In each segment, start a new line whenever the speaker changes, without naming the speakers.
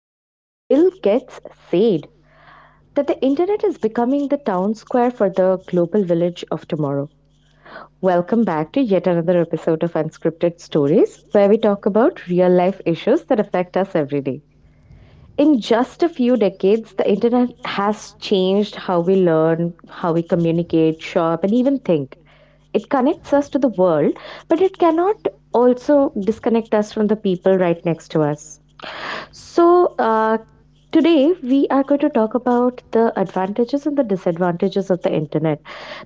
You know, Bill Gates said that the internet is becoming the town square for the global village of tomorrow. Welcome back to yet another episode of Unscripted Stories, where we talk about real life issues that affect us every day. In just a few decades, the internet has changed how we learn, how we communicate, shop, and even think. It connects us to the world, but it cannot also disconnect us from the people right next to us. So, uh, Today we are going to talk about the advantages and the disadvantages of the internet,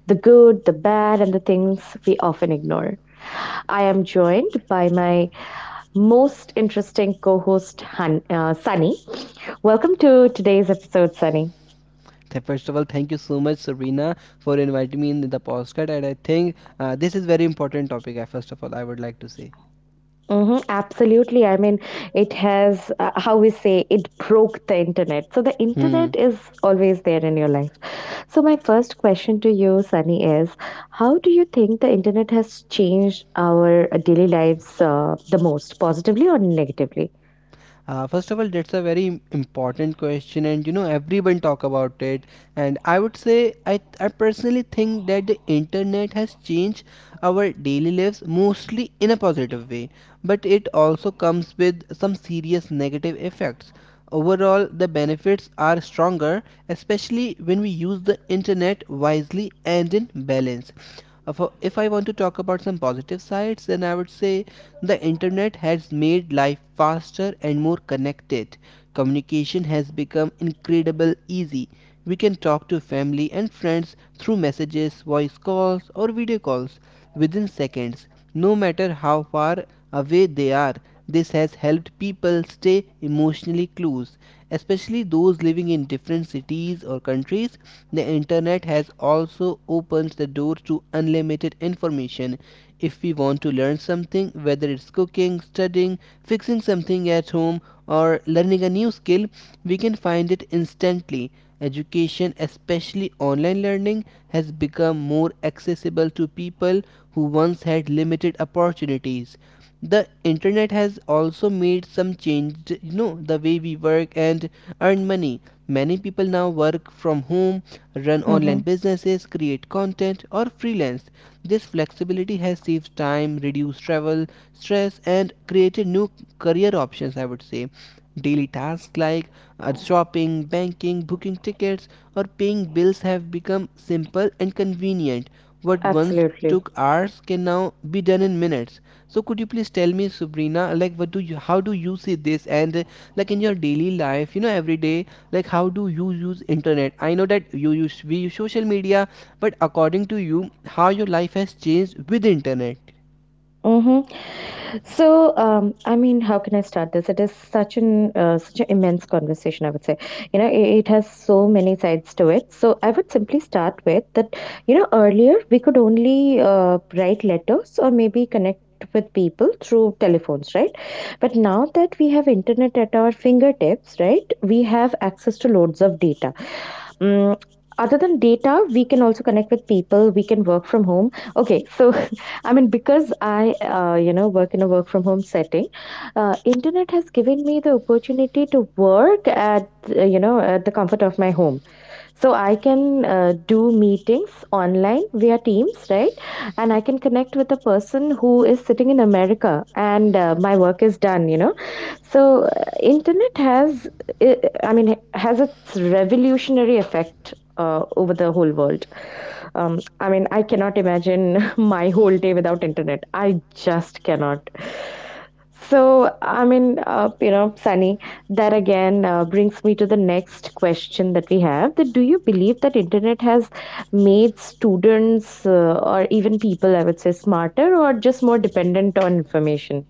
the good, the bad, and the things we often ignore. I am joined by my most interesting co host, Sunny. Welcome to today's episode, Sunny.
First of all, thank you so much, Sabrina, for inviting me in the podcast. And I think this is very important topic. I first of all, I would like to say.
Mm-hmm, absolutely. I mean, it has, how we say, it broke the internet. So the
Hmm.
internet is always there in your life. So, my first question to you, Sunny, is how do you think the internet has changed our daily lives the most, positively or negatively?
First of all, that's a very important question, and you know everyone talk about it. And I would say I personally think that the internet has changed our daily lives mostly in a positive way, but it also comes with some serious negative effects. Overall, the benefits are stronger, especially when we use the internet wisely and in balance. If I want to talk about some positive sides, then I would say the internet has made life faster and more connected. Communication has become incredibly easy. We can talk to family and friends through messages, voice calls, or video calls within seconds, no matter how far away they are. This has helped people stay emotionally close, especially those living in different cities or countries. The internet has also opened the door to unlimited information. If we want to learn something, whether it's cooking, studying, fixing something at home, or learning a new skill, we can find it instantly. Education, especially online learning, has become more accessible to people who once had limited opportunities. The internet has also made some change, you know, the way we work and earn money. Many people now work from home, run online
Mm-hmm.
businesses, create content, or freelance. This flexibility has saved time, reduced travel, stress, and created new career options, I would say. Daily tasks like shopping, banking, booking tickets, or paying bills have become simple and convenient. What once
Absolutely.
took hours can now be done in minutes. So could you please tell me, Sabrina, like how do you see this? And like in your daily life, you know, every day, like how do you use internet? I know that you use we use social media, but according to you, how your life has changed with internet.
Mm-hmm. So, I mean, how can I start this? It is such an immense conversation, I would say. You know, it has so many sides to it. So, I would simply start with that. You know, earlier we could only write letters or maybe connect with people through telephones, right? But now that we have internet at our fingertips, right, we have access to loads of data um. Other than data, we can also connect with people. We can work from home. Okay, so I mean, because you know, work in a work from home setting, internet has given me the opportunity to work at, you know, at the comfort of my home. So I can do meetings online via Teams, right? And I can connect with a person who is sitting in America, and my work is done. You know, so, uh, internet has, uh, I mean, has its revolutionary effect over the whole world. I mean, I cannot imagine my whole day without internet. I just cannot. So, I mean, you know, Sunny, that again brings me to the next question that we have, that do you believe that internet has made students or even people, I would say, smarter or just more dependent on information?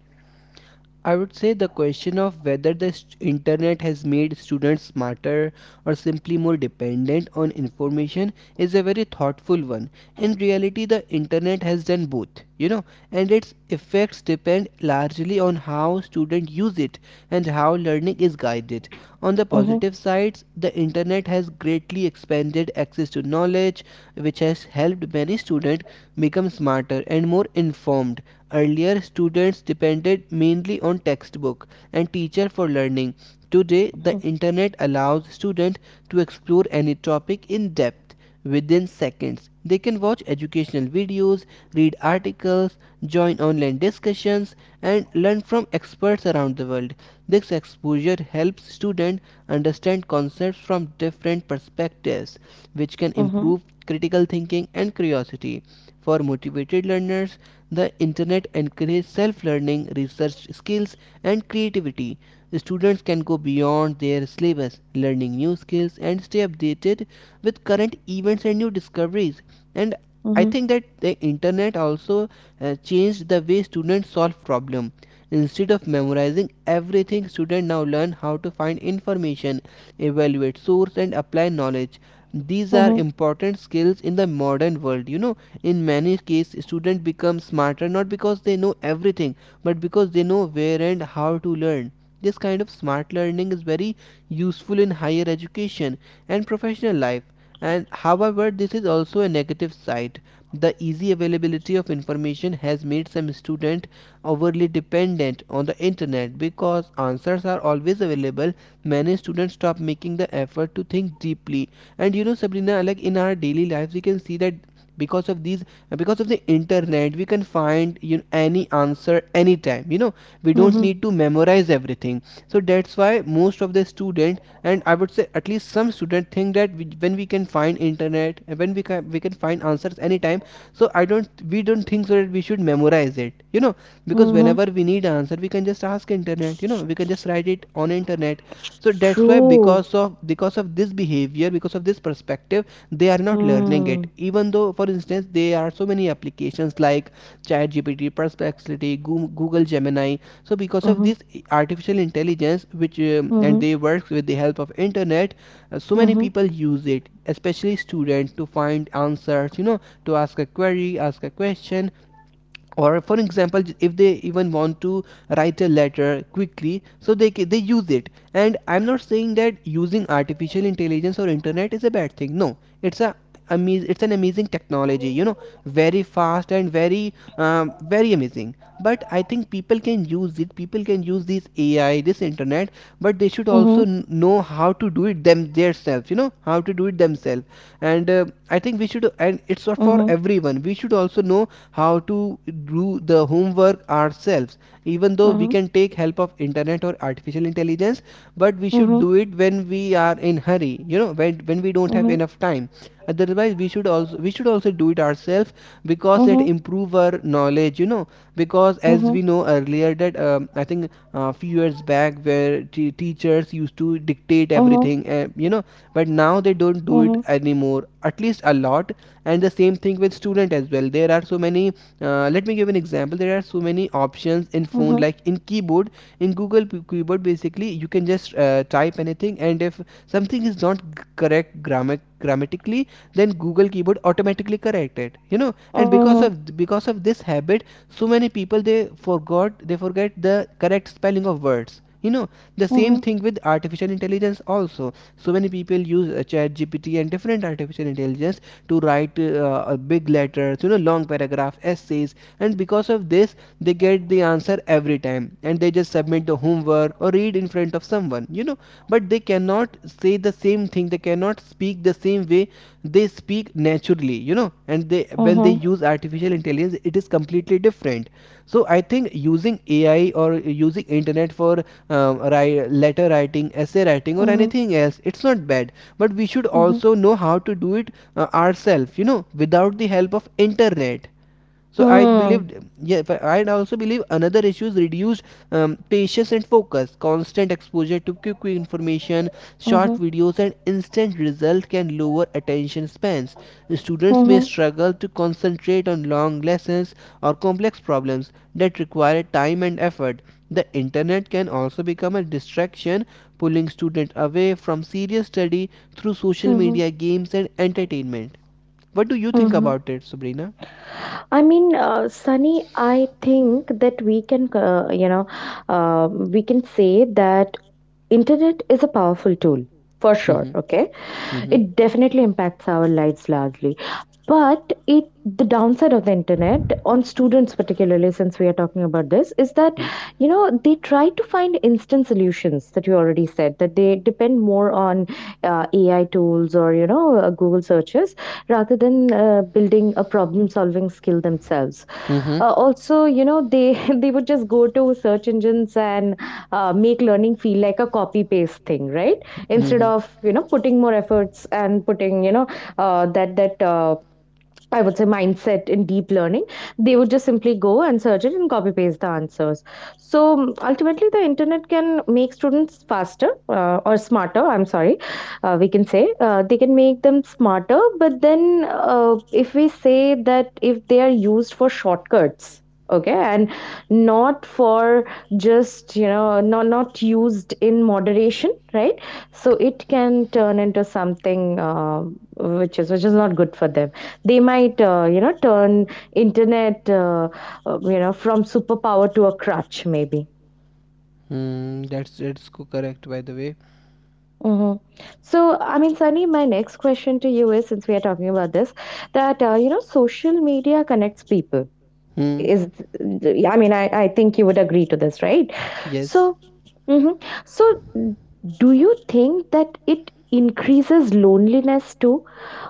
I would say the question of whether internet has made students smarter or simply more dependent on information is a very thoughtful one. In reality, the internet has done both, you know, and its effects depend largely on how students use it and how learning is guided. On the
Mm-hmm,
positive sides, the internet has greatly expanded access to knowledge, which has helped many students become smarter and more informed. Earlier, students depended mainly on textbook and teacher for learning. Today, the internet allows students to explore any topic in depth within seconds. They can watch educational videos, read articles, join online discussions, and learn from experts around the world. This exposure helps students understand concepts from different perspectives, which can
mm-hmm,
improve critical thinking and curiosity. For motivated learners, the internet encourages self-learning, research skills, and creativity. Students can go beyond their syllabus, learning new skills and stay updated with current events and new discoveries. And I think that the internet also changed the way students solve problems. Instead of memorizing everything, students now learn how to find information, evaluate source, and apply knowledge. These are
mhm.
important skills in the modern world, you know, in many cases students become smarter not because they know everything but because they know where and how to learn. This kind of smart learning is very useful in higher education and professional life. And however, this is also a negative side. The easy availability of information has made some students overly dependent on the internet. Because answers are always available, many students stop making the effort to think deeply. And you know, Sabrina, like in our daily lives we can see that because of these because of the internet we can find, you know, any answer anytime, you know, we don't
Mhm.
need to memorize everything. So that's why most of the student, and I would say at least some student, think that when we can find internet and when we can find answers anytime, so I don't we don't think so that we should memorize it, you know, because
Mhm.
whenever we need answer we can just ask internet, you know, we can just write it on internet. So that's why,
True.
because of this behavior, because of this perspective, they are not learning it,
Hmm.
even though for instance there are so many applications like ChatGPT, Perplexity, Google Gemini. So because of
Mhm.
this artificial intelligence, which and
Mhm.
they works with the help of internet, so many
Mhm.
people use it, especially students, to find answers. You know, to ask a query, ask a question, or for example if they even want to write a letter quickly, so they use it. And I'm not saying that using artificial intelligence or internet is a bad thing, no, it's a it's an amazing technology, you know, very fast and very very amazing. But I think people can use this AI, this internet, but they should
Mhm.
also know how to do it themselves, you know, how to do it themselves. And I think we should, and it's not for
Mhm.
everyone, we should also know how to do the homework ourselves, even though we
Mhm.
can take help of internet or artificial intelligence. But we should do it when we are in hurry, you know, when we don't
Mhm.
have
Mhm.
enough time. Otherwise we should also do it ourselves, because it improve our knowledge, you know, because
Mhm.
as
Mhm.
we know earlier that I think a few years back where teachers used to dictate everything, you know, but now they don't
Mhm.
do it
Mhm.
anymore, at least a lot. And the same thing with student as well. There are so many let me give an example. There are so many options in phone, like in keyboard, in Google keyboard basically, you can just type anything, and if something is not correct grammar grammatically, then Google keyboard automatically correct it, you know. And because of this habit, so many people they forget the correct spelling of words, you know. The same
Mhm.
thing with artificial intelligence also. So many people use chat and different artificial intelligence to write big letters, you know, long paragraph essays. And because of this, they get the answer every time and they just submit the homework or read in front of someone, you know. But they cannot say the same thing, they cannot speak the same way. They speak naturally, you know, and they, when they use artificial intelligence, it is completely different. So I think using AI or using internet for um, letter writing, essay writing,
Mhm. Mhm.
or
Mhm. Mhm.
anything else, it's not bad, but we should
Mhm.
also know how to do it ourselves, you know, without the help of internet. So I
Hmm.
believed, yeah, but I also believe another issue is reduced patience and focus. Constant exposure to quick information, short
Mhm.
videos and instant results can lower attention spans. Students may
Mhm.
struggle to concentrate on long lessons or complex problems that require time and effort. The internet can also become a distraction, pulling students away from serious study through social
Mhm.
media, games, and entertainment. What do you think
Mhm.
about it, Sabrina?
I mean, Sunny, I think that we can, you know, we can say that internet is a powerful tool for sure.
Mm-hmm.
Okay,
Mm-hmm.
it definitely impacts our lives largely. But it the downside of the internet on students, particularly since we are talking about this, is that you know they try to find instant solutions. That you already said, that they depend more on AI tools, or you know Google searches, rather than building a problem solving skill themselves.
Mm-hmm.
Also, you know, they they would just go to search engines and make learning feel like a copy paste thing, right, instead
Mm-hmm.
of you know putting more efforts and putting you know that that I would say mindset in deep learning, they would just simply go and search it and copy paste the answers. So ultimately, the internet can make students faster or smarter. I'm sorry, we can say they can make them smarter, but then if we say that if they are used for shortcuts, okay, and not for just you know not used in moderation, right? So it can turn into something which is not good for them. They might you know turn internet you know, from superpower to a crutch maybe.
Mm, that's correct, by the way.
Hmm. So I mean, Sunny, my next question to you is, since we are talking about this, that you know, social media connects people,
Hmm.
is, I mean, I think you would agree to this, right?
Yes.
So hmm, so do you think that it increases loneliness too,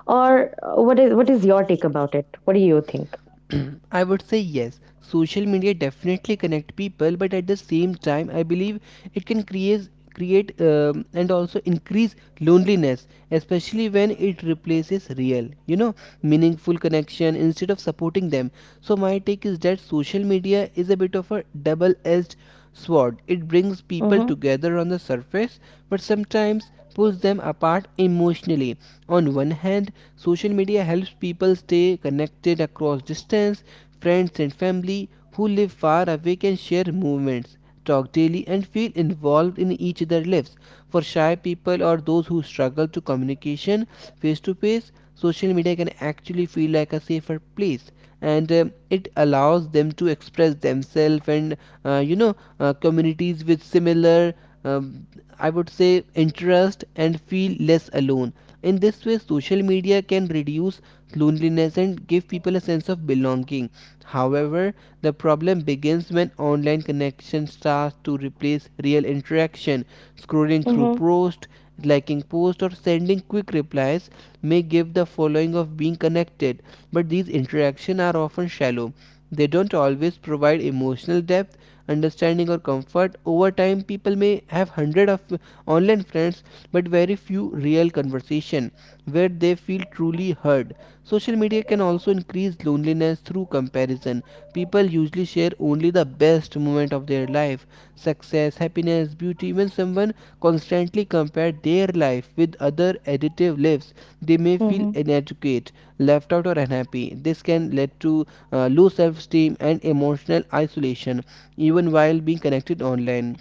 or what is your take about it? What do you think?
I would say yes. Social media definitely connect people, but at the same time, I believe it can create, and also increase, loneliness, especially when it replaces real, you know, meaningful connection instead of supporting them. So my take is that social media is a bit of a double-edged sword. It brings
Mm-hmm,
people together on the surface, but sometimes pulls them apart emotionally. On one hand, social media helps people stay connected across distance. Friends and family who live far away can share movements, talk daily, and feel involved in each other's lives. For shy people or those who struggle to communication face to face, social media can actually feel like a safer place, and it allows them to express themselves and you know, communities with similar um, I would say interest and feel less alone. In this way, social media can reduce loneliness and give people a sense of belonging. However, the problem begins when online connection starts to replace real interaction. Scrolling through
mm-hmm,
posts, liking posts, or sending quick replies may give the following of being connected, but these interactions are often shallow. They don't always provide emotional depth, understanding, or comfort. Over time, people may have hundreds of online friends but very few real conversation where they feel truly heard. Social media can also increase loneliness through comparison. People usually share only the best moment of their life, success, happiness, beauty. When someone constantly compares their life with other additive lives, they may feel inadequate, left out, or unhappy. This can lead to low self-esteem and emotional isolation, even while being connected online.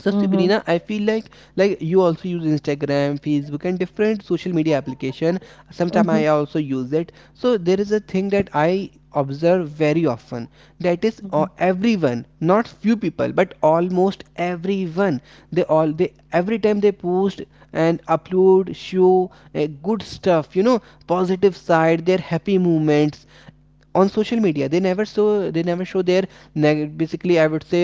So,
mm-hmm,
Sabrina, I feel like you also use Instagram, Facebook, and different social media application. Sometimes
mhm,
I also use it. So there is a thing that I observe very often. That is,
mhm.
everyone, not few people, but almost everyone. They every time they post and upload, show good stuff. You know, positive side, their happy moments, on social media they never show their basically I would say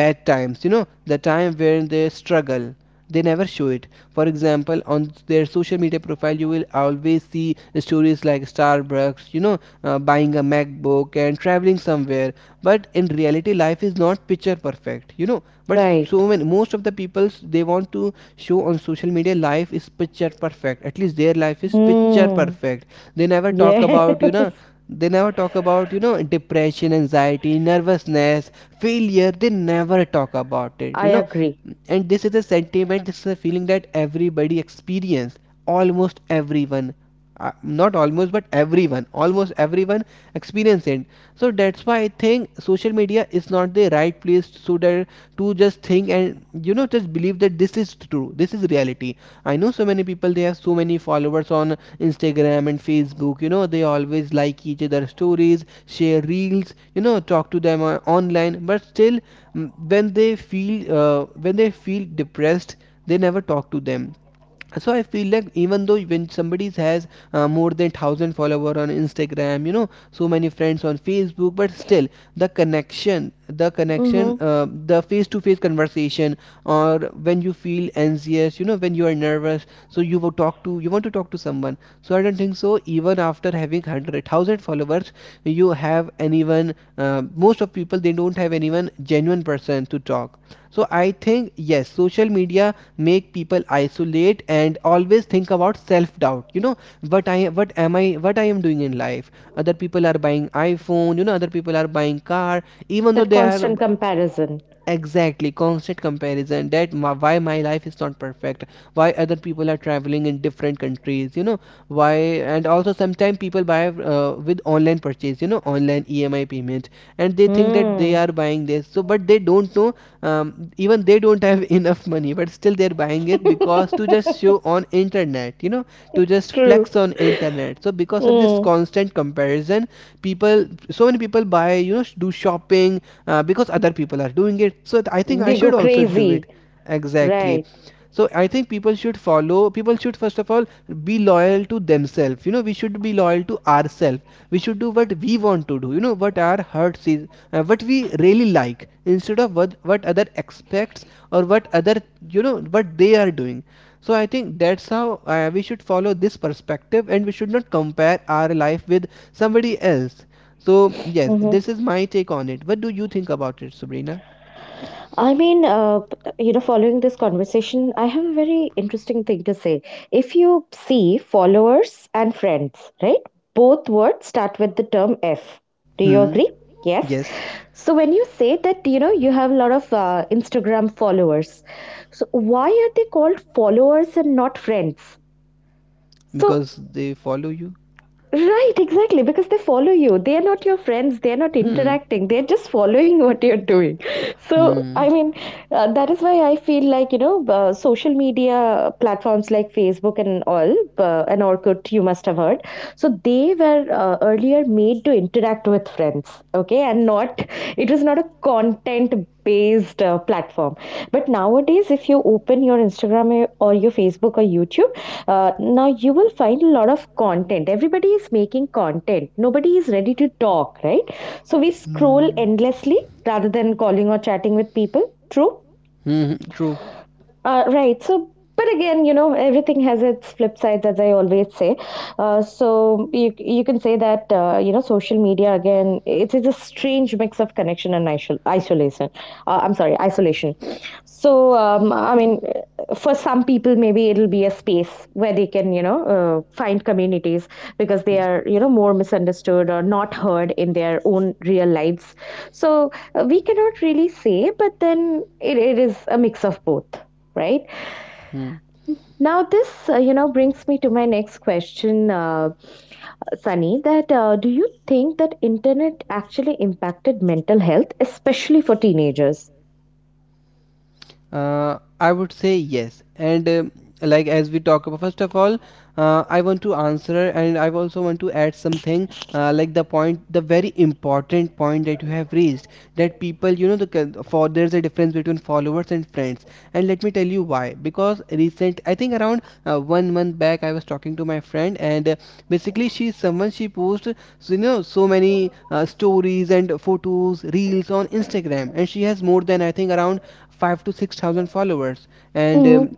bad times, you know, the time when they struggle, they never show it. For example, on their social media profile, you will always see stories like Starbucks, you know, buying a MacBook and traveling somewhere. But in reality, life is not picture perfect you know but so
Right.
many most of the people, they want to show on social media life is picture perfect, at least their life is picture
Mm,
perfect. they never talk about you know
yes,
they never talk about, you know, depression, anxiety, nervousness, failure. They never talk about it,
I
you know.
agree.
And this is a sentiment, this is a feeling that everybody experience. Almost everyone. Not almost, but everyone. Almost everyone experience it. So that's why I think social media is not the right place, so that to just think and, you know, just believe that this is true, this is reality. I know so many people, they have so many followers on Instagram and Facebook, you know, they always like each other's stories, share reels, you know, talk to them, online, but still, when they feel, depressed, they never talk to them. So I feel like, even though, when somebody has, more than 1,000 follower on Instagram, you know, so many friends on Facebook, but still, the connection the connection
Hmm.
uh, the face to face conversation, or when you feel anxious, you know, when you are nervous, so you want to talk to someone. So I don't think so, even after having 100,000 followers, you have anyone. Most of people, they don't have anyone genuine person to talk. So I think, yes, social media make people isolate and always think about self-doubt, you know, what I am doing in life. Other people are buying iPhone, you know, other people are buying car, even
That
though they are.
constant comparison.
Exactly, constant comparison, that why my life is not perfect. Why other people are traveling in different countries, you know. Why And also sometimes people buy, with online purchase, you know, online EMI payment, and they think that they
Mm.
are buying this, but they don't know. Even they don't have enough money, but still they're buying it because to just show on internet, you know, to just
True.
flex on internet. So because of this
Mm.
constant comparison, people so many people buy, you know, do shopping, because other people are doing it, so I think I
They go
should also do
crazy.
it. Exactly.
Right.
So I think people should first of all be loyal to themselves, you know, we should be loyal to ourselves. We should do what we want to do, you know, what our hearts is, what we really like, instead of what other expects or what other, you know, what they are doing. So I think that's how, we should follow this perspective and we should not compare our life with somebody else. So, yes, this
Mm-hmm.
is my take on it. What do you think about it, Sabrina?
I mean, you know, following this conversation, I have a very interesting thing to say. If you see followers and friends, right? Both words start with the term F. Do you
Hmm.
agree? Yes.
Yes,
So when you say that, you know, you have a lot of Instagram followers, so why are they called followers and not friends? So
because they follow you.
right, exactly, because they follow you. They are not your friends. They are not
Hmm.
interacting. They're just following what you're doing. So,
Hmm.
I mean, that is why I feel like, you know, social media platforms like Facebook and all, and Orkut, you must have heard. So, they were earlier made to interact with friends, okay, and not, it was not a content based platform. But nowadays, if you open your Instagram or your Facebook or YouTube, now you will find a lot of content. Everybody is making content. Nobody is ready to talk, right? So we scroll
Hmm.
endlessly rather than calling or chatting with people. True.
Hmm. True.
Right. So, but again, you know, everything has its flip sides, as I always say. So you you can say that you know, social media again, it is a strange mix of connection and isolation. I'm sorry, isolation. So I mean, for some people, maybe it'll be a space where they can you know find communities because they
Hmm.
are you know more misunderstood or not heard in their own real lives. So we cannot really say, but then it is a mix of both, right?
Hmm.
Now this you know, brings me to my next question, Sunny, that do you think that internet actually impacted mental health, especially for teenagers?
I would say yes. And like as we talk about, first of all, I want to answer and I also want to add something, like the point, the very important point that you have raised, that people, you know, the c- for there's a difference between followers and friends. And let me tell you why. Because recent, I think around 1 month back, I was talking to my friend, and basically she's someone, she posts, so, you know, so many stories and photos, reels on Instagram, and she has more than I think around five to six thousand followers, and
Mm-hmm,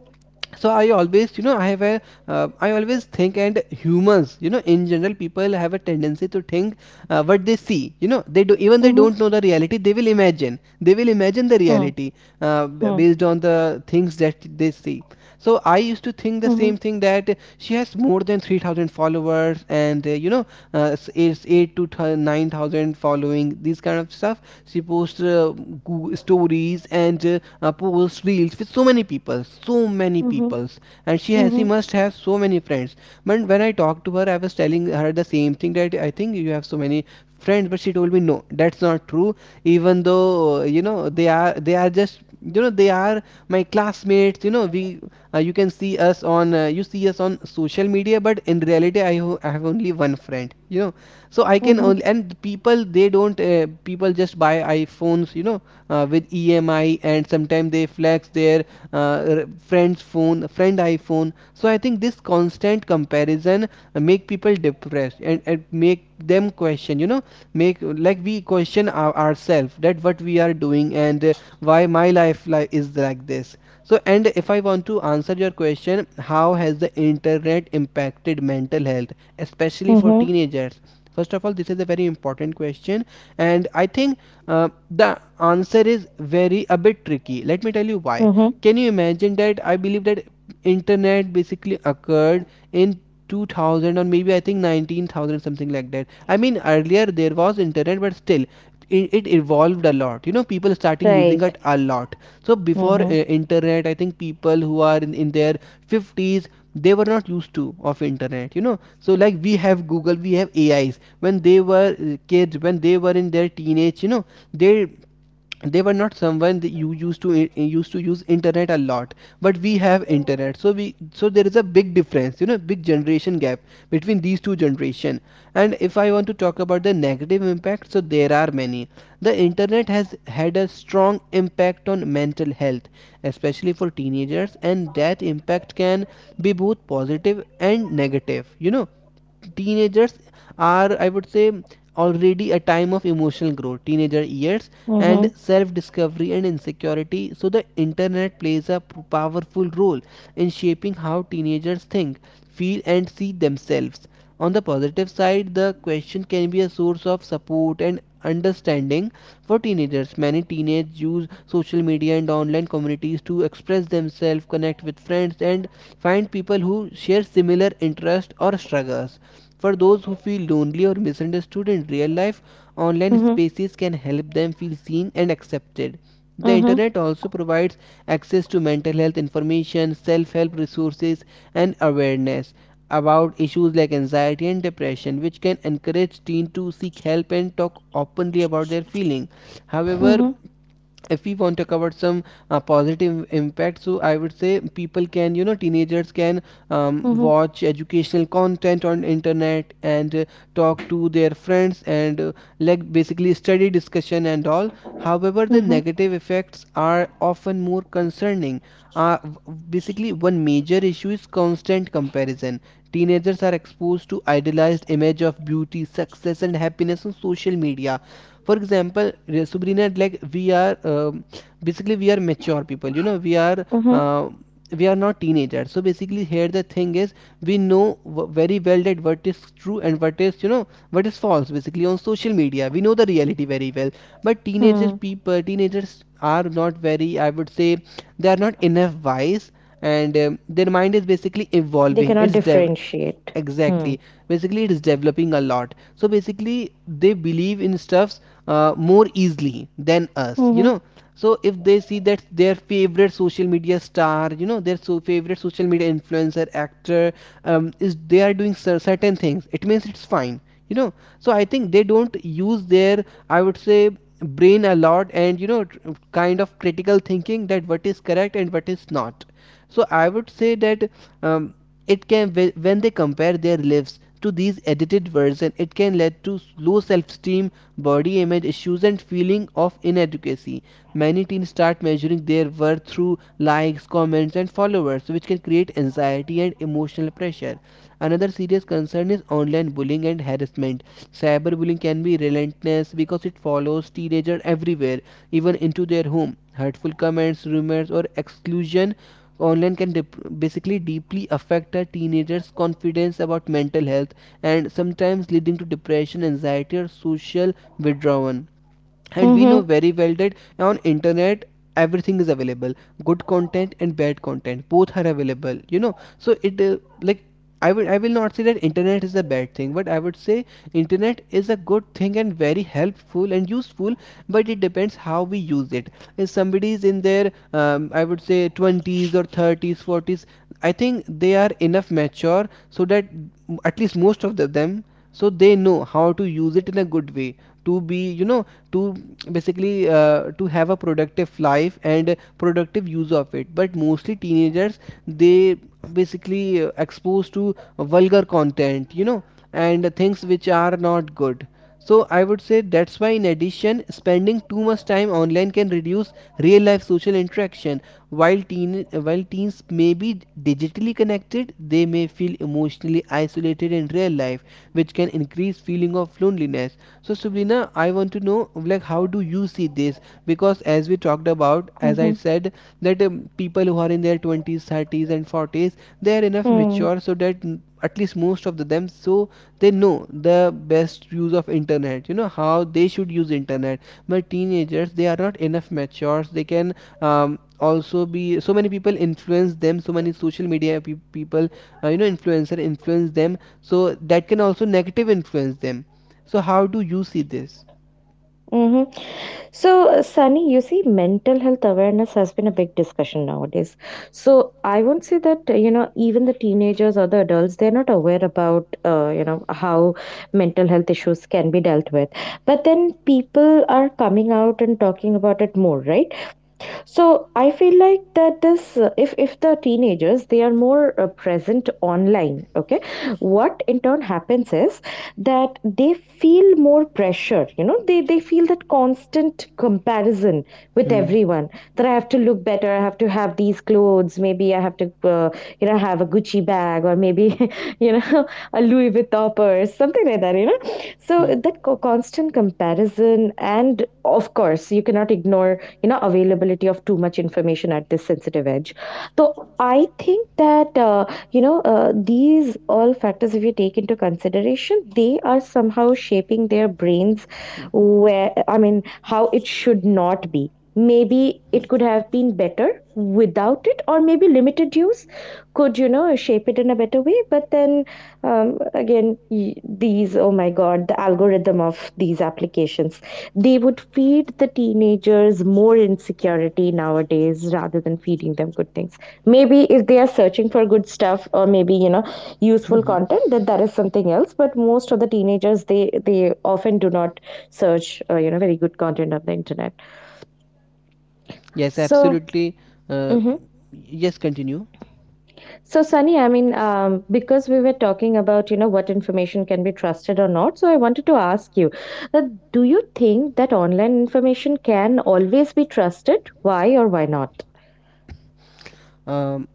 so I always, you know, I have a I always think, and humans, you know, in general people have a tendency to think, what they see, you know, they do, even they
mm-hmm,
don't know the reality, they will imagine the
hmm,
reality,
hmm,
based on the things that they see. So I used to think the
hmm,
same thing, that she has more than 3,000 followers, and you know, it's 8 to 9,000 following these kind of stuff. She posts, stories and posts reels with so many people, so many
hmm,
peoples. And she
hmm,
must have so many friends. But when I talked to her, I was telling her the same thing, that I think you have so many friends, but she told me, no, that's not true. Even though, you know, they are just, you know, they are my classmates, you know, we you can see us on you see us on social media, but in reality, I have only one friend. So I can only, and people, they don't, people just buy iPhones, you know, with EMI, and sometimes they flex their, friend iPhone. So I think this constant comparison, make people depressed, and make them question, you know, make, like, we question ourselves, that what we are doing, and, why my life is like this. So, and if I want to answer your question, how has the internet impacted mental health, especially
hmm,
for
hmm,
teenagers. First of all, this is a very important question, and I think, uh, the answer is very a bit tricky. Let me tell you why.
hmm,
Can you imagine that I believe that internet basically occurred in 2000, or maybe I think 19000, something like that. I mean earlier there was internet, but still it evolved a lot, you know, people starting using
right,
it a lot. So before,
mm-hmm,
internet, I think people who are in their 50s, they were not used to of internet, you know, so like we have Google, we have ais, when they were, kids, when they were in their teenage, you know, they they were not someone that you used to use internet a lot. But we have internet, so there is a big difference, you know, big generation gap between these two generation. And if I want to talk about the negative impact, so there are many. The internet has had a strong impact on mental health, especially for teenagers, and that impact can be both positive and negative, you know. Teenagers are, I would say, already a time of emotional growth, teenager years, and
mm-hmm,
self discovery and insecurity. So the internet plays a powerful role in shaping how teenagers think, feel, and see themselves. On the positive side, the question can be a source of support and understanding for teenagers. Many teenagers use social media and online communities to express themselves, connect with friends, and find people who share similar interests or struggles. For those who feel lonely or misunderstood in real life, online
mm-hmm,
spaces can help them feel seen and accepted. The
mm-hmm,
internet also provides access to mental health information, self help resources, and awareness about issues like anxiety and depression, which can encourage teens to seek help and talk openly about their feeling. However,
mm-hmm,
if we want to cover some positive impact, so I would say people can, you know, teenagers can
mm-hmm,
watch educational content on internet and talk to their friends and basically study discussion and all. However, the
mm-hmm,
negative effects are often more concerning. uh, Basically, one major issue is constant comparison. Teenagers are exposed to idealized image of beauty, success and happiness on social media. For example, like, we are basically, we are mature people, you know,
mm-hmm,
uh, we are not teenagers, so basically here the thing is we know very well that what is true and what is, you know, what is false. Basically on social media we know the reality very well, but teenagers,
hmm.
people, teenagers are not very, I would say, they are not enough wise, and their mind is basically
They
evolving,
cannot
it's dev,
differentiate. Hmm,
exactly. Basically it is developing a lot, so basically they believe in stuffs more easily than us, you
hmm,
know. So if they see that their favorite social media star, you know, their so favorite social media influencer actor is, they are doing certain things, it means it's fine, you know. So I think they don't use their, I would say, brain a lot, and, you know, kind of critical thinking, that what is correct and what is not. So I would say that um, it can, when they compare their lives to these edited versions, it can lead to low self-esteem, body image issues and feeling of inadequacy. Many teens start measuring their worth through likes, comments and followers, which can create anxiety and emotional pressure. Another serious concern is online bullying and harassment. Cyberbullying can be relentless because it follows teenagers everywhere, even into their home. Hurtful comments, rumors or exclusion so online can basically deeply affect a teenager's confidence about mental health, and sometimes leading to depression, anxiety or social withdrawal. And
hmm,
we
hmm,
know very well that on internet everything is available. Good content and bad content, both are available, you know, so it like I will not say that internet is a bad thing, but I would say internet is a good thing and very helpful and useful, but it depends how we use it. If somebody is in their I would say 20s or 30s, 40s, I think they are enough mature so that at least most of them, so they know how to use it in a good way, to be, you know, to basically to have a productive life and productive use of it. But mostly teenagers, they basically exposed to vulgar content, you know, and things which are not good. So I would say that's why, in addition, spending too much time online can reduce real life social interaction. While teens may be digitally connected, they may feel emotionally isolated in real life, which can increase feeling of loneliness. So, Sabrina, I want to know, like, how do you see this? Because as we talked about, as
hmm.
I said, that people who are in their 20s, 30s, and 40s, they are enough mature so that mm, at least most of the them, so they know the best use of internet, you know, how they should use internet. But teenagers, they are not enough mature, they can um, also be, so many people influence them, so many social media people you know, influencer influence them, so that can also negative influence them. So how do you see this?
Mm-hmm. So, Sunny, you see, mental health awareness has been a big discussion nowadays. So, I won't say that, you know, even the teenagers or the adults, they're not aware about, you know, how mental health issues can be dealt with. But then people are coming out and talking about it more, right? So I feel like that this if the teenagers they are more present online, okay, what in turn happens is that they feel more pressure. You know, they feel that constant comparison with
Hmm
everyone, that I have to look better, I have to have these clothes, maybe I have to you know have a Gucci bag, or maybe you know a Louis Vuitton purse, something like that. You know, so
hmm
that constant comparison, and of course you cannot ignore you know availability of too much information at this sensitive edge. So I think that you know, these all factors, if you take into consideration, they are somehow shaping their brains,
hmm
where I mean how it should not be. Maybe it could have been better without it, or maybe limited use could you know shape it in a better way. But then, again, these, oh my god, the algorithm of these applications, they would feed the teenagers more insecurity nowadays rather than feeding them good things. Maybe if they are searching for good stuff, or maybe you know
hmm
useful
hmm, hmm.
content, that that is something else, but most of the teenagers, they often do not search you know very good content on the internet.
Yes,
So
absolutely. Uh,
mhm.
yes, continue.
So, Sunny, I mean, because we were talking about, you know, what information can be trusted or not, so I wanted to ask you that do you think that online information can always be trusted? Why or why not?
Um,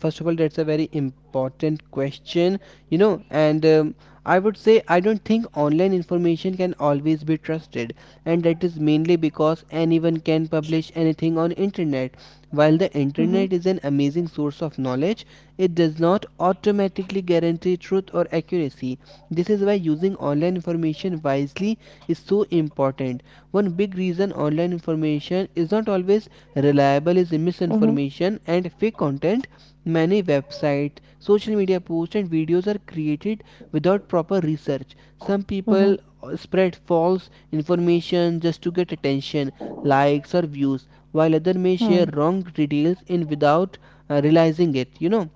First of all, that's a very important question, you know, and I would say I don't think online information can always be trusted, and that is mainly because anyone can publish anything on internet. While the
Mm-hmm.
internet is an amazing source of knowledge, it does not automatically guarantee truth or accuracy. This is why using online information wisely is so important. One big reason online information is not always reliable is
Mm-hmm.
misinformation and fake content. Many websites, social media posts, and videos are created without proper research. Some
Mm-hmm.
people spread false information just to get attention, likes, or views, while others may share
Hmm.
wrong details in without realizing it. You know,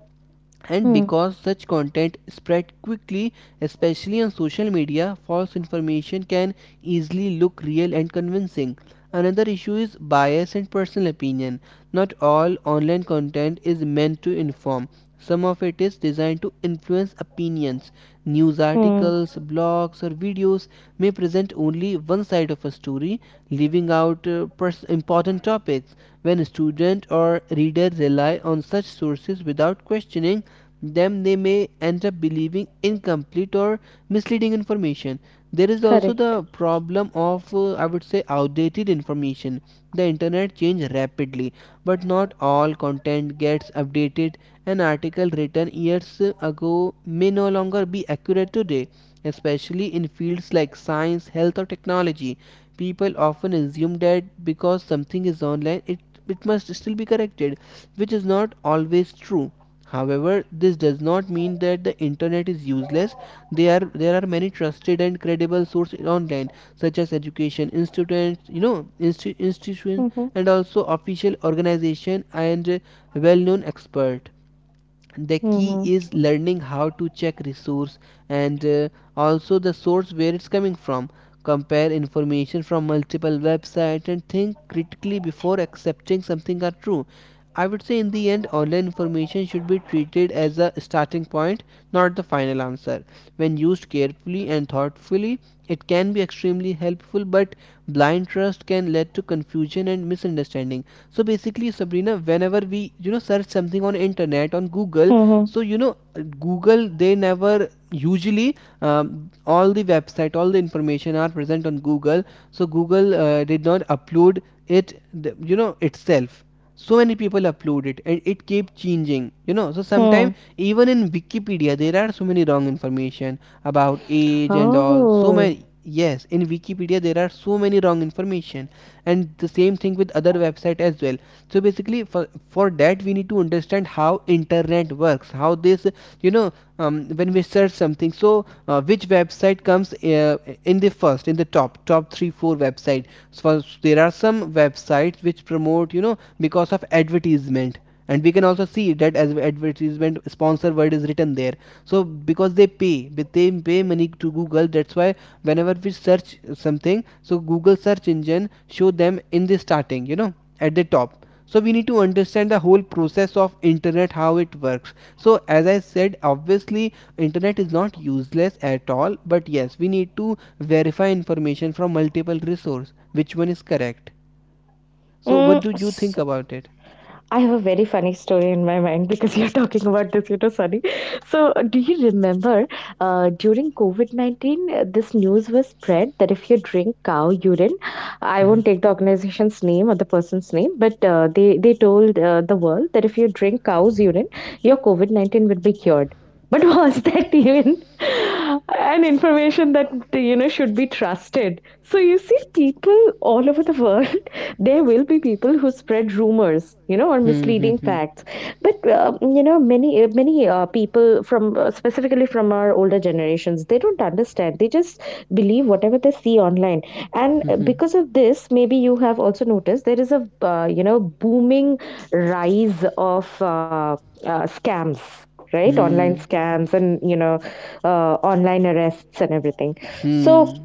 and
Hmm.
because such content spread quickly, especially on social media, false information can easily look real and convincing. Another issue is bias and personal opinion. Not all online content is meant to inform, some of it is designed to influence opinions. News
Hmm.
articles, blogs or videos may present only one side of a story, leaving out important topics. When a student or reader rely on such sources without questioning them, they may end up believing incomplete or misleading information. There is also
Correct.
the problem of, I would say, outdated information. The internet changes rapidly, but not all content gets updated. An article written years ago may no longer be accurate today, especially in fields like science, health, or technology. People often assume that because something is online, it must still be corrected, which is not always true. However, this does not mean that the internet is useless. There are many trusted and credible sources online, such as education institutes, you know, institution,
Mm-hmm.
and also official organization and well-known expert. The key
Mm-hmm.
is learning how to check resource, and also the source where it's coming from, compare information from multiple websites and think critically before accepting something are true. I would say in the end online information should be treated as a starting point, not the final answer. When used carefully and thoughtfully, it can be extremely helpful, but blind trust can lead to confusion and misunderstanding. So basically, Sabrina, whenever we, you know, search something on internet on Google,
Mm-hmm.
so you know, Google, they never usually um, all the website, all the information are present on Google. So Google did not upload it, you know, itself. So many people upload it and it keep changing, you know. So
Hmm.
sometimes even in Wikipedia there are so many wrong information about age and all, so
Oh.
many. Yes, in Wikipedia there are so many wrong information, and the same thing with other website as well. So basically for that we need to understand how internet works, how this, you know, when we search something, so which website comes in the first, in the top 3 4 website. So there are some websites which promote, you know, because of advertisement, and we can also see that as advertisement sponsor word is written there. So because they pay, but they pay money to Google, that's why whenever we search something, so Google search engine show them in the starting, you know, at the top. So we need to understand the whole process of internet, how it works. So as I said, obviously internet is not useless at all, but yes, we need to verify information from multiple resource, which one is correct. So
Mm.
what do you think about it?
I have a very funny story in my mind because you're talking about this, you know, Sunny. So, do you remember during COVID 19, this news was spread that if you drink cow urine, I
Hmm
won't take the organization's name or the person's name, but they told the world that if you drink cow's urine, your COVID 19 would be cured. But was that even an information that you know should be trusted? So you see, people all over the world, there will be people who spread rumors, you know, or
hmm
misleading
instead,
facts. But many people from specifically from our older generations, they don't understand. They just believe whatever they see online, and
Mhm.
because of this, maybe you have also noticed there is a
Uh,
booming rise of scams, right? Online
hmm
scams and online arrests and everything. So
hmm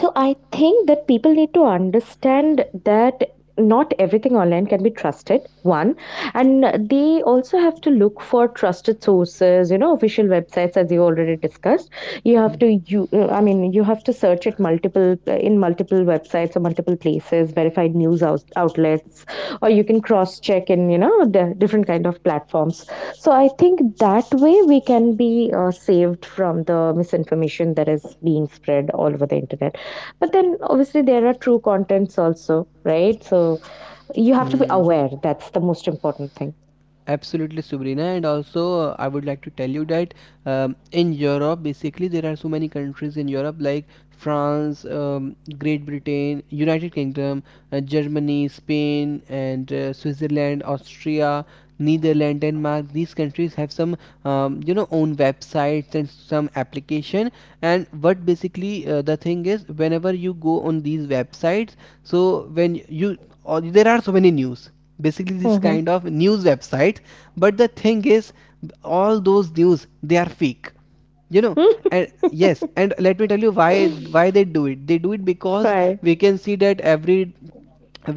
I think that people need to understand that not everything online can be trusted, one. And they also have to look for trusted sources, you know, official websites, as you already discussed. You
so,
have
hmm
to, you I mean you have to search it multiple in multiple websites or multiple places, verified news outlets, or you can cross check in, you know, the different kind of platforms. So I think that way we can be saved from the misinformation that is being spread all over the internet. But then obviously there are true contents also, right? So you have to be
hmm
aware. That's the most important thing.
absolutely, Sabrina. And also, I would like to tell you that in Europe, basically, there are so many countries in Europe like France, Great Britain, United Kingdom, Germany, Spain, and Switzerland, Austria, Netherlands, Denmark. These countries have some, you know, own websites and some application. And what basically the thing is, whenever you go on these websites, so when you, or there are so many news, basically this
Mm-hmm.
kind of news website. But the thing is, all those news they are fake, you know. And yes, and let me tell you why they do it, they do it because
right.
we can see that every,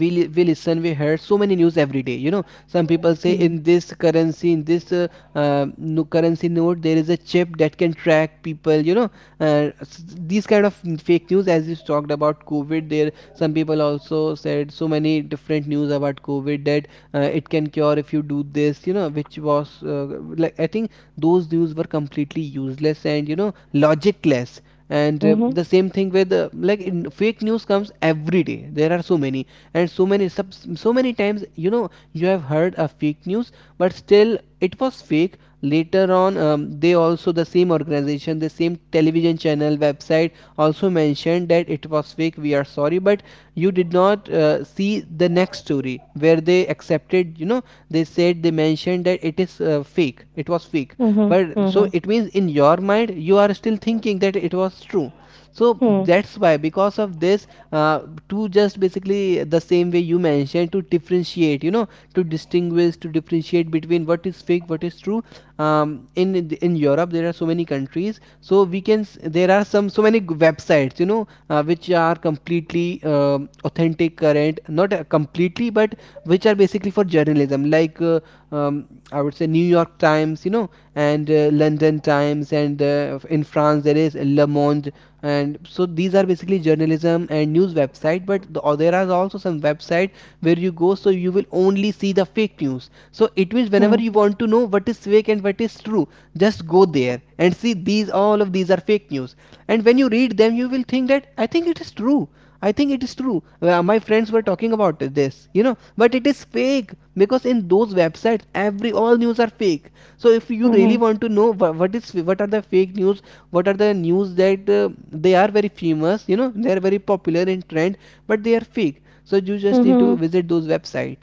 we listen, we heard so many news every day, you know. Some people say
Mm-hmm.
in this currency, in this no currency note there is a chip that can track people, you know, these kind of fake news. As you talked about COVID, there some people also said so many different news about COVID that it can cure if you do this, you know, which was uh, like I think those news were completely useless and, you know, logicless. And
Mm-hmm.
the same thing with like in fake news comes every day, there are so many, and so many so many times, you know, you have heard a fake news, but still it was fake. Later on they also, the same organization, the same television channel website also mentioned that it was fake, we are sorry, but you did not see the next story where they accepted, you know, they said, they mentioned that it is fake, it was fake, but so
Mm-hmm.
it means in your mind you are still thinking that it was true. So that's why because of this uh, to just basically the same way you mentioned, to differentiate, you know, to distinguish, to differentiate between what is fake, what is true. Um, in in Europe there are so many countries, so we can there are some so many websites, you know, which are completely, um, authentic current, not completely, but which are basically for journalism, like um, I would say New York Times, you know, and London Times, and in France there is Le Monde. And so these are basically journalism and news website, but the, or there are also some website where you go, so you will only see the fake news. So it means whenever you
Mm-hmm.
want to know what is fake and what is true, just go there and see, these all of these are fake news. And when you read them you will think that I think it is true, I think it is true. My friends were talking about this, you know, but it is fake, because in those websites, every all news are fake. So if you really
Mhm.
want to know what is what are the fake news, what are the news that they are very famous, you know, they are very popular in trend, but they are fake. So you just need to
Mhm.
visit those website.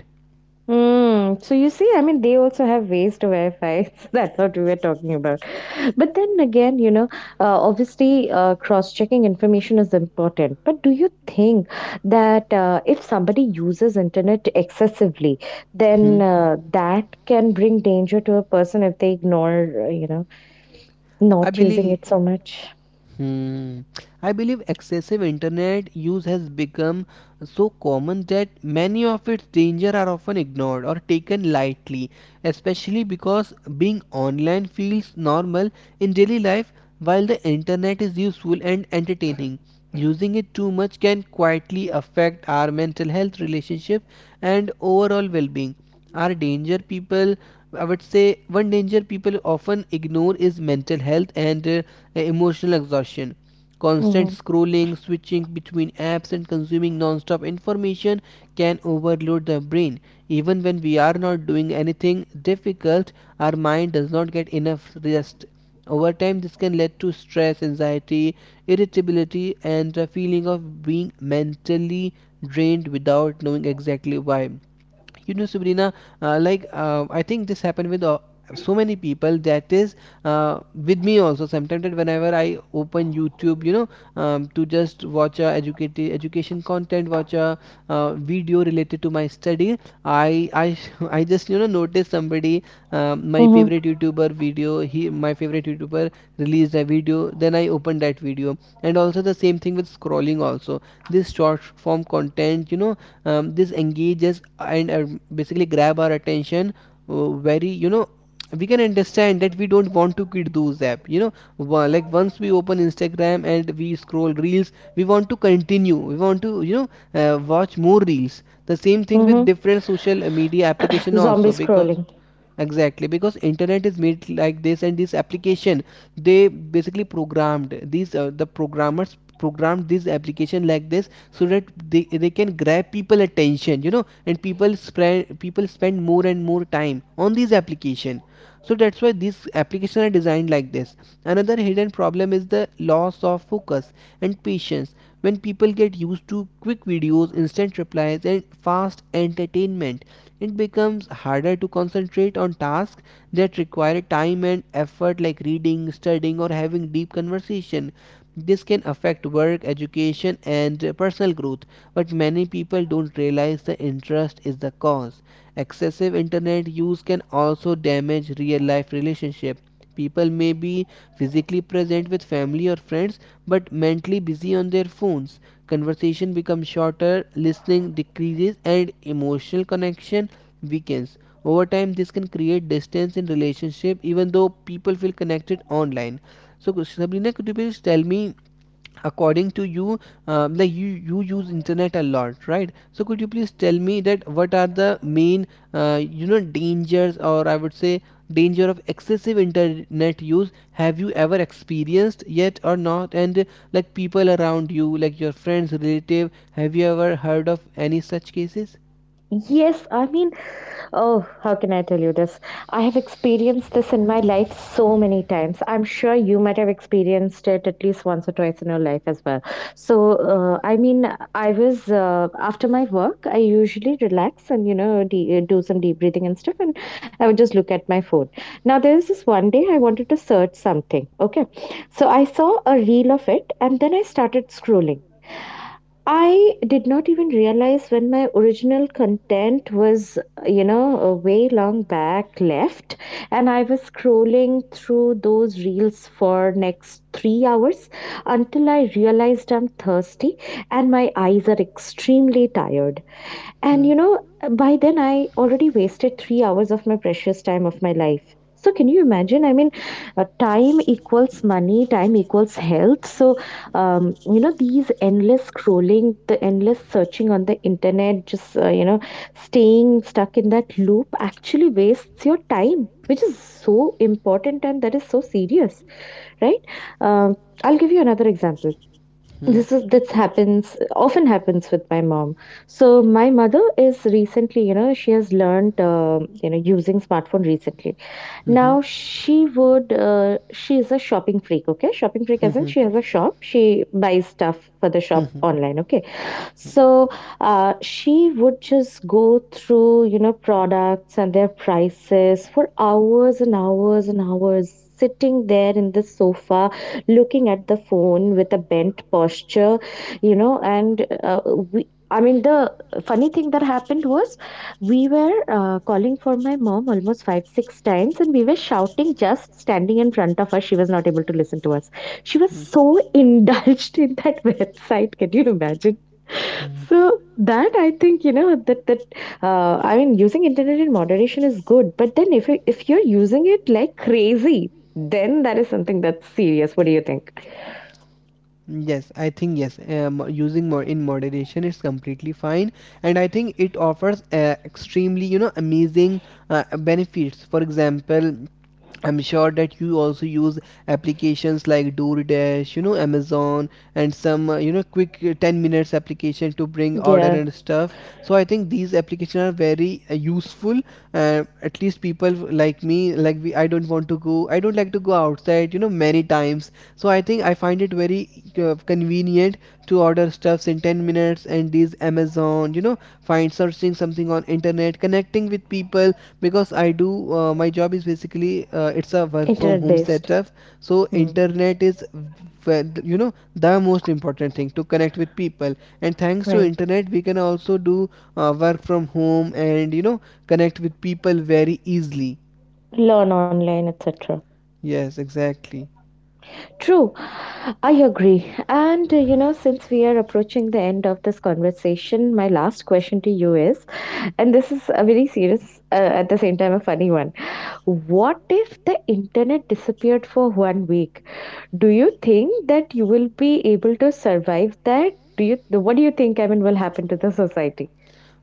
Mm. So you see, I mean, they also have ways to verify. That's what we were talking about. But then again, you know, obviously, cross-checking information is important. But do you think that if somebody uses internet excessively,
Hmm.
then that can bring danger to a person if they ignore, you know,
I
not using
believe.
it so much?
Hmm. I believe excessive internet use has become so common that many of its dangers are often ignored or taken lightly, especially because being online feels normal in daily life while the internet is useful and entertaining. Using it too much can quietly affect our mental health, relationship, and overall well being. Our danger people, I would say one danger people often ignore is mental health and emotional exhaustion. Constant
Mm-hmm.
scrolling, switching between apps, and consuming non-stop information can overload the brain. Even when we are not doing anything difficult, our mind does not get enough rest. Over time this can lead to stress, anxiety, irritability, and a feeling of being mentally drained without knowing exactly why, you know, Sabrina. I think this happened with so many people, that is, uh, with me also sometimes, that whenever I open YouTube, you know, to just watch a education content, watch a video related to my study, I I just, you know, notice somebody. My
Mm-hmm.
favorite YouTuber video, he my favorite YouTuber released a video, then I open that video. And also the same thing with scrolling also, this short form content, you know, this engages and basically grab our attention very, you know, we can understand that we don't want to quit those app, you know. Like once we open Instagram and we scroll reels, we want to continue, we want to, you know, watch more reels, the same thing with
Mm-hmm.
different social media application
Zombie
also, because
scrolling.
exactly because internet is made like this. And this application, they basically programmed these the programmers programmed this application like this so that they can grab people attention, you know. And people spend more and more time on these application. So that's why these applications are designed like this. Another hidden problem is the loss of focus and patience. When people get used to quick videos, instant replies, and fast entertainment, it becomes harder to concentrate on tasks that require time and effort, like reading, studying, or having deep conversation. This can affect work, education, and personal growth, but many people don't realize the interest is the cause. Excessive internet use can also damage real life relationship. People may be physically present with family or friends but mentally busy on their phones. Conversation becomes shorter, listening decreases, and emotional connection weekends. Over time, this can create distance in relationship, even though people feel connected online. So, Sabrina, could you please tell me, according to you, like you use internet a lot, right? So, could you please tell me that what are the main, you know, dangers, or I would say danger of excessive internet use? Have you ever experienced yet or not? And like people around you, like your friends, relative, have you ever heard of any such cases?
Yes, I mean. Oh, how can I tell you this? I have experienced this in my life so many times. I'm sure you might have experienced it at least once or twice in your life as well. So, I mean, I was after my work, I usually relax and, you know, do some deep breathing and stuff, and I would just look at my phone. Now, there was this one day I wanted to search something. Okay. So, I saw a reel of it, and then I started scrolling. I did not even realize when my original content was, you know, a way long back left, and I was scrolling through those reels for next 3 hours until I realized I'm thirsty and my eyes are extremely tired.
Hmm.
And
Hmm.
you know, by then I already wasted 3 hours of my precious time of my life. So, can you imagine? I mean, time equals money, time equals health. So, you know, these endless scrolling, the endless searching on the internet, just, you know, staying stuck in that loop actually wastes your time, which is so important and that is so serious, right? Um, I'll give you another example. This happens, often happens with my mom. So my mother is recently, you know, she has learned, um, you know, using smartphone recently.
Hmm.
Now she would she is a shopping freak. Okay, shopping freak as in
Hmm.
she has a shop, she buys stuff for the
Hmm. Hmm.
shop
Hmm.
online. Okay, so she would just go through, you know, products and their prices for hours and hours and hours, sitting there in the sofa, looking at the phone with a bent posture, you know, and we. I mean, the funny thing that happened was we were calling for my mom almost 5, 6 times, and we were shouting just standing in front of her. She was not able to listen to us. She was
Hmm.
so indulged in that website. Can you imagine?
Hmm.
So that I think, you know, that I mean using internet in moderation is good, but then if you, if you're using it like crazy, then that is something that's serious. What do you think?
Yes, I think yes. Using more in moderation is completely fine, and I think it offers extremely, you know, amazing benefits. For example, I'm sure that you also use applications like DoorDash, you know, Amazon, and some, you know, quick 10 minutes application to bring order
Yeah,
and stuff. So I think these applications are very useful. At least people like me, I don't want to go, I don't like to go outside, you know, many times. So I think I find it very convenient to order stuffs in 10 minutes and these Amazon, you know, find searching something on internet, connecting with people, because I do my job is basically it's a work from
internet
home
based.
setup. So
Hmm.
internet is you know, the most important thing to connect with people. And thanks to
Right.
internet we can also do work from home and, you know, connect with people very easily.
Learn online, etc.
Yes, exactly.
True, I agree. And you know, since we are approaching the end of this conversation, my last question to you is, and this is a very serious, at the same time, a funny one. What if the internet disappeared for 1 week? Do you think that you will be able to survive that? Do you? What do you think? I mean, will happen to the society?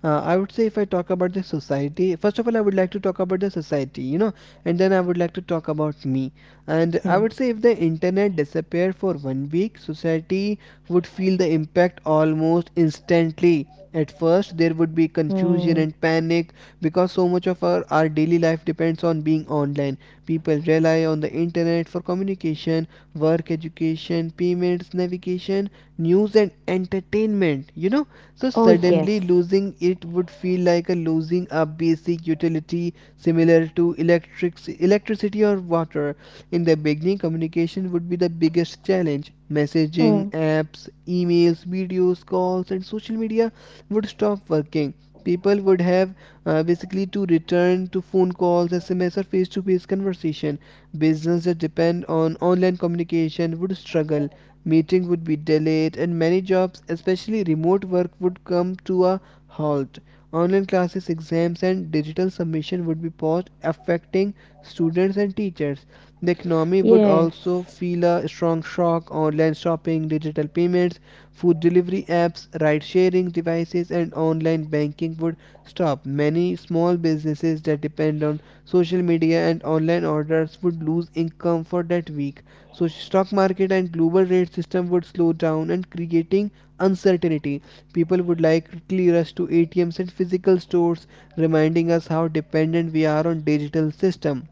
I would say if I talk about the society, first of all, I would like to talk about the society, you know, and then I would like to talk about me. And I
Hmm.
would say if the internet disappeared for 1 week, society would feel the impact almost instantly. At first, there would be confusion
Hmm.
and panic because so much of our daily life depends on being online. People rely on the internet for communication, work, education, payments, navigation, news, and entertainment, you know. So
Oh
suddenly
yes.
losing it would feel like a losing a basic utility, similar to electricity or water. In the beginning, communication would be the biggest challenge. Messaging,
Hmm.
apps, emails, videos, calls, and social media would stop working. People would have basically to return to phone calls, SMS, or face-to-face conversation. Businesses that depend on online communication would struggle. Meetings would be delayed, and many jobs, especially remote work, would come to a halt. Online classes, exams, and digital submission would be paused, affecting students and teachers. The economy would also
Yes.
feel a strong shock. Online shopping, digital payments, food delivery apps, ride sharing devices, and online banking would stop. Many small businesses that depend on social media and online orders would lose income for that week. So stock market and global trade system would slow down and creating uncertainty. People would likely rush to ATMs and physical stores, reminding us how dependent we are on digital system.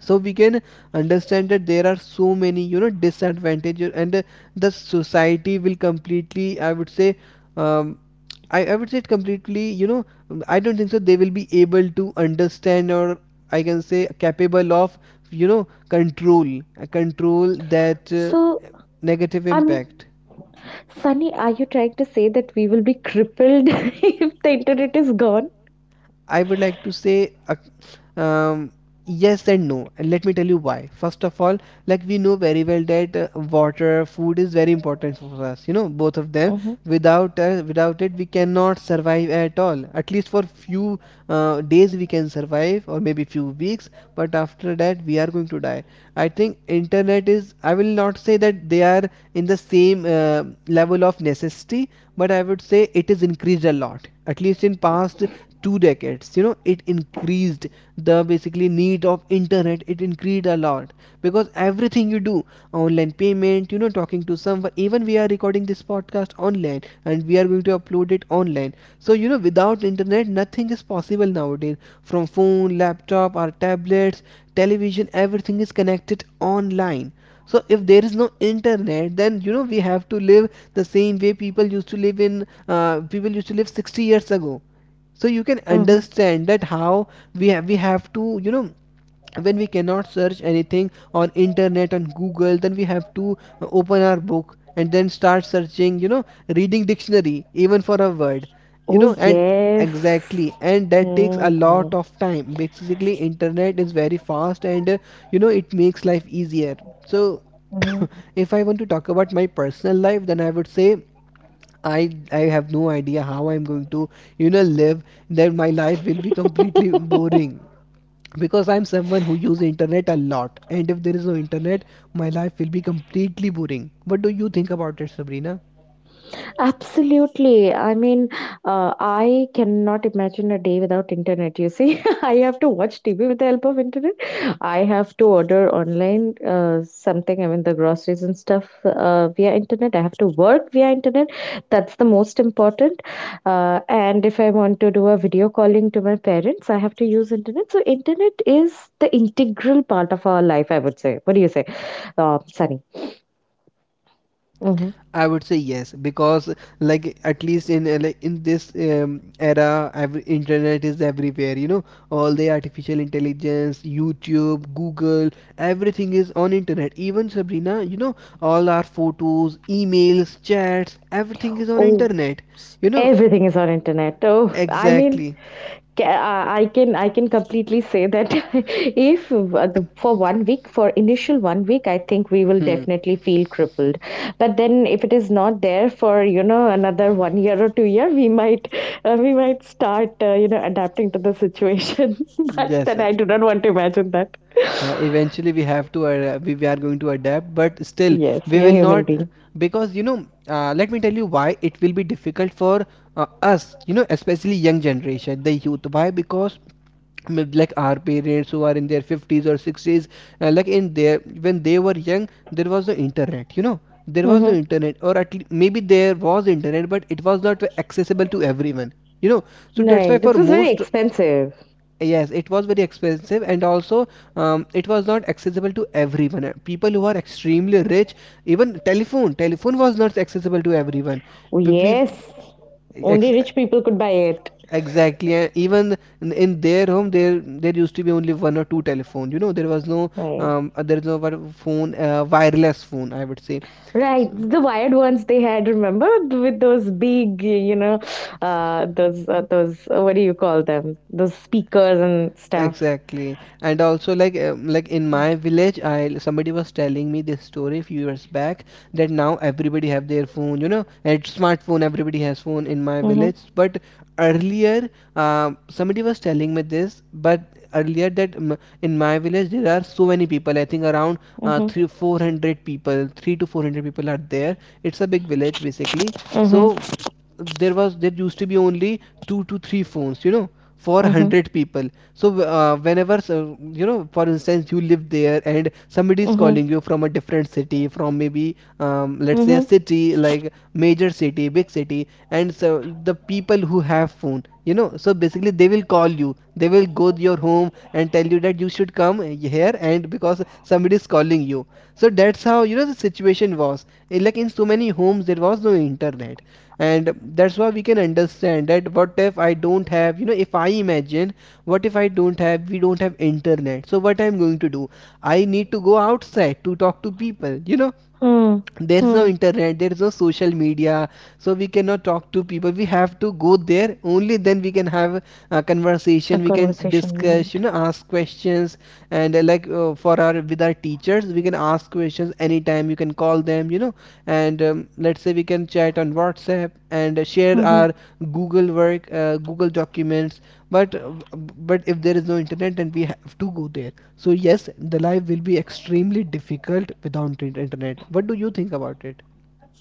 So we can understand that there are so many, you know, disadvantages, and the society will completely, I would say, um, I would say it completely, you know, mm, I don't think so they will be able to understand, or I can say capable of, you know, control, control that
So
negative
I mean,
impact.
Sunny, are you trying to say that we will be crippled if the internet is gone?
I would like to say yes and no. And let me tell you why. First of all, like we know very well that water, food is very important for us, you know, both of them.
Mm-hmm.
Without it we cannot survive at all. At least for few days we can survive, or maybe few weeks, but after that we are going to die. I think internet is, I will not say that they are in the same level of necessity, but I would say it is increased a lot, at least in past two decades, you know, it increased. The basically need of internet, it increased a lot, because everything you do online, payment, you know, talking to someone. Even we are recording this podcast online and we are going to upload it online. So, you know, without internet, nothing is possible nowadays. From phone, laptop, or tablets, television, everything is connected online. So if there is no internet, then you know we have to live the same way people used to live 60 years ago. So you can
Mm-hmm.
understand that how we have to, you know, when we cannot search anything on internet, on Google, then we have to open our book and then start searching, you know, reading dictionary even for a word, you
Oh,
know. And exactly,
yes.
and that takes a
Hmm.
lot of time. Basically internet is very fast, and you know, it makes life easier. So if I want to talk about my personal life, then I would say I have no idea how I'm going to, you know, live. Then my life will be completely boring, because I'm someone who uses internet a lot, and if there is no internet, my life will be completely boring. What do you think about it, Sabrina?
Absolutely. I mean, I cannot imagine a day without internet. You see, I have to watch TV with the help of internet. I have to order online something. I mean, the groceries and stuff via internet. I have to work via internet. That's the most important. And if I want to do a video calling to my parents, I have to use internet. So, internet is the integral part of our life, I would say. What do you say, Sunny? Mm-hmm.
I would say yes, because like at least in like in this era every internet is everywhere, you know, all the artificial intelligence, YouTube, Google, everything is on internet. Even Sabrina, you know, all our photos, emails, chats, everything is on
Oh,
internet, you know.
everything is on internet. Oh, I mean,
Exactly.
ca- I can completely say that if for 1 week, for initial 1 week, I think we will
Hmm.
definitely feel crippled. But then, if it is not there for, you know, another 1 year or 2 year, we might start you know, adapting to the situation. But
Yes,
then I do not want to imagine that.
eventually we have to we are going to adapt, but still
Yes,
we
we are
will
human
not
beings.
because you know, let me tell you why it will be difficult for us, you know, especially young generation, the youth. Why? Because like our parents who are in their 50s or 60s, like in their when they were young there was the internet, you know, there was no
Mm-hmm.
internet, or at least maybe there was internet but it was not accessible to everyone, you know. So that's
Right.
why
This
for
was very
most,
expensive.
yes it was very expensive, and also it was not accessible to everyone. People who are extremely rich, even telephone was not accessible to everyone. P- pe-
Yes,
ex-
only rich people could buy it.
Exactly, and even in their home, there used to be only one or two telephone. You know, there was no
Right.
there is no one phone, wireless phone, I would say.
Right,
S-
the wired ones they had, remember, with those big, you know, those what do you call them? Those speakers and stuff.
Exactly, and also like, like in my village, I, somebody was telling me this story a few years back, that now everybody have their phone, you know, and smartphone. Everybody has phone in my
Mhm,
village, but earlier, somebody was telling me this, but earlier that in my village there are so many people. I think around
mhm,
three four hundred people, three to four hundred people are there. It's a big village basically.
mhm,
So there used to be only two to three phones, you know, for one
mhm,
hundred people. So whenever, so you know, for instance, you live there and somebody is
mhm,
calling you from a different city, from maybe let's say a
mhm.
city, like major city, big city, and so the people who have phone, you know, so basically they will call you, they will go to your home and tell you that you should come here, and because somebody is calling you. So that's how, you know, the situation was. Eh, like in so many homes there was no internet, and that's why we can understand that what if I don't have, you know, if I imagine, what if I don't have, we don't have internet, so what I'm going to do? I need to go outside to talk to people, you know,
Hmm,
there's no
hmm.
internet, there's no social media, so we cannot talk to people, we have to go there, only then we can have a
A
conversation, we can
conversation,
discuss, you
right?
know, ask questions. And like for our, with our teachers, we can ask questions anytime, you can call them, you know, and let's say we can chat on WhatsApp and share
Mm-hmm.
our Google documents. But but if there is no internet, then we have to go there. So yes, the life will be extremely difficult without internet. What do you think about it?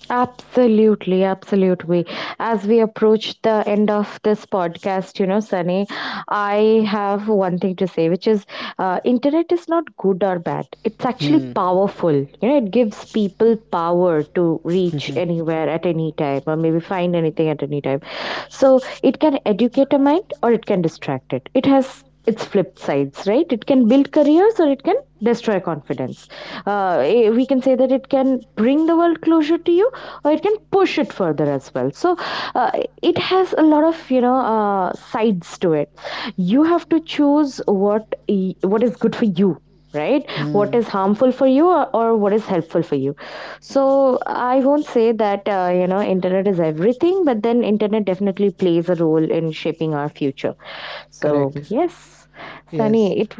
Absolutely, absolutely. As we approach the end of this podcast, you know, Sunny, I have one thing to say, which is internet is not good or bad. It's actually
Hmm.
powerful. You know, it gives people power to reach
Hmm.
anywhere at any time or maybe find anything at any time. So it can educate a mind or it can distract it. It has its flip sides, right? It can build careers or it can destroy confidence. We can say that it can bring the world closer to you or it can push it further as well. So uh, it has a lot of, you know, sides to it. You have to choose what is good for you, right,
Hmm.
what is harmful for you, or what is helpful for you. So I won't say that, you know, internet is everything, but then internet definitely plays a role in shaping our future. So,
Correct.
yes,
Yes.
Sunny, it.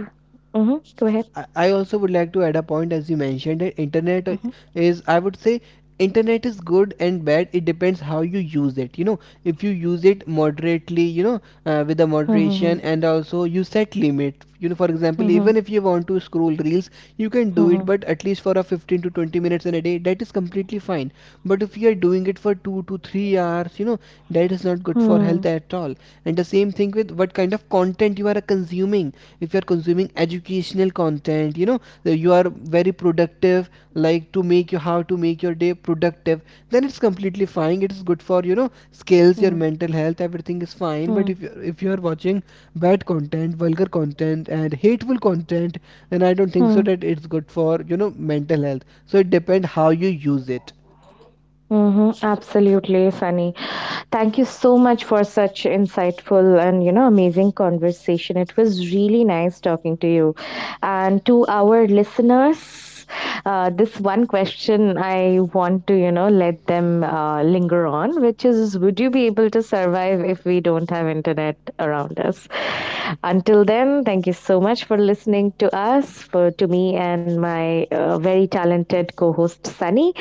Mhm, go ahead.
I also would like to add a point. As you mentioned that internet,
Mhm.
is, I would say, internet is good and bad. It depends how you use it. You know, if you use it moderately, you know, with the moderation,
Mhm,
and also you set limit. You know, for example, even
mhm,
if you want to scroll reels, you can do it,
mhm,
but at least for a 15 to 20 minutes in a day, that is completely fine. But if you are doing it for 2 to 3 hours, you know, that is not good for health
mhm,
at all. And the same thing with what kind of content you are consuming. If you are consuming educational content, you know, you are very productive, like to make you, how to make your day productive, then it's completely fine, it is good for, you know, skills, your
mhm,
mental health, everything is fine. But
mhm,
if you, if you are watching bad content, vulgar content, and hateful content, then I don't think so
mhm,
that it's good for, you know, mental health. So it depends how you use it.
mhm. Absolutely, Sunny. Thank you so much for such insightful and you know amazing conversation. It was really nice talking to you. And to our listeners, this one question I want to, you know, let them linger on, which is would you be able to survive if we don't have internet around us? Until then, thank you so much for listening to us, for to me and my very talented co-host Sunny.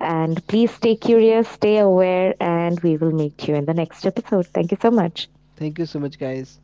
And please stay curious, stay aware, and we will meet you in the next episode. Thank you so much.
Thank you so much, guys.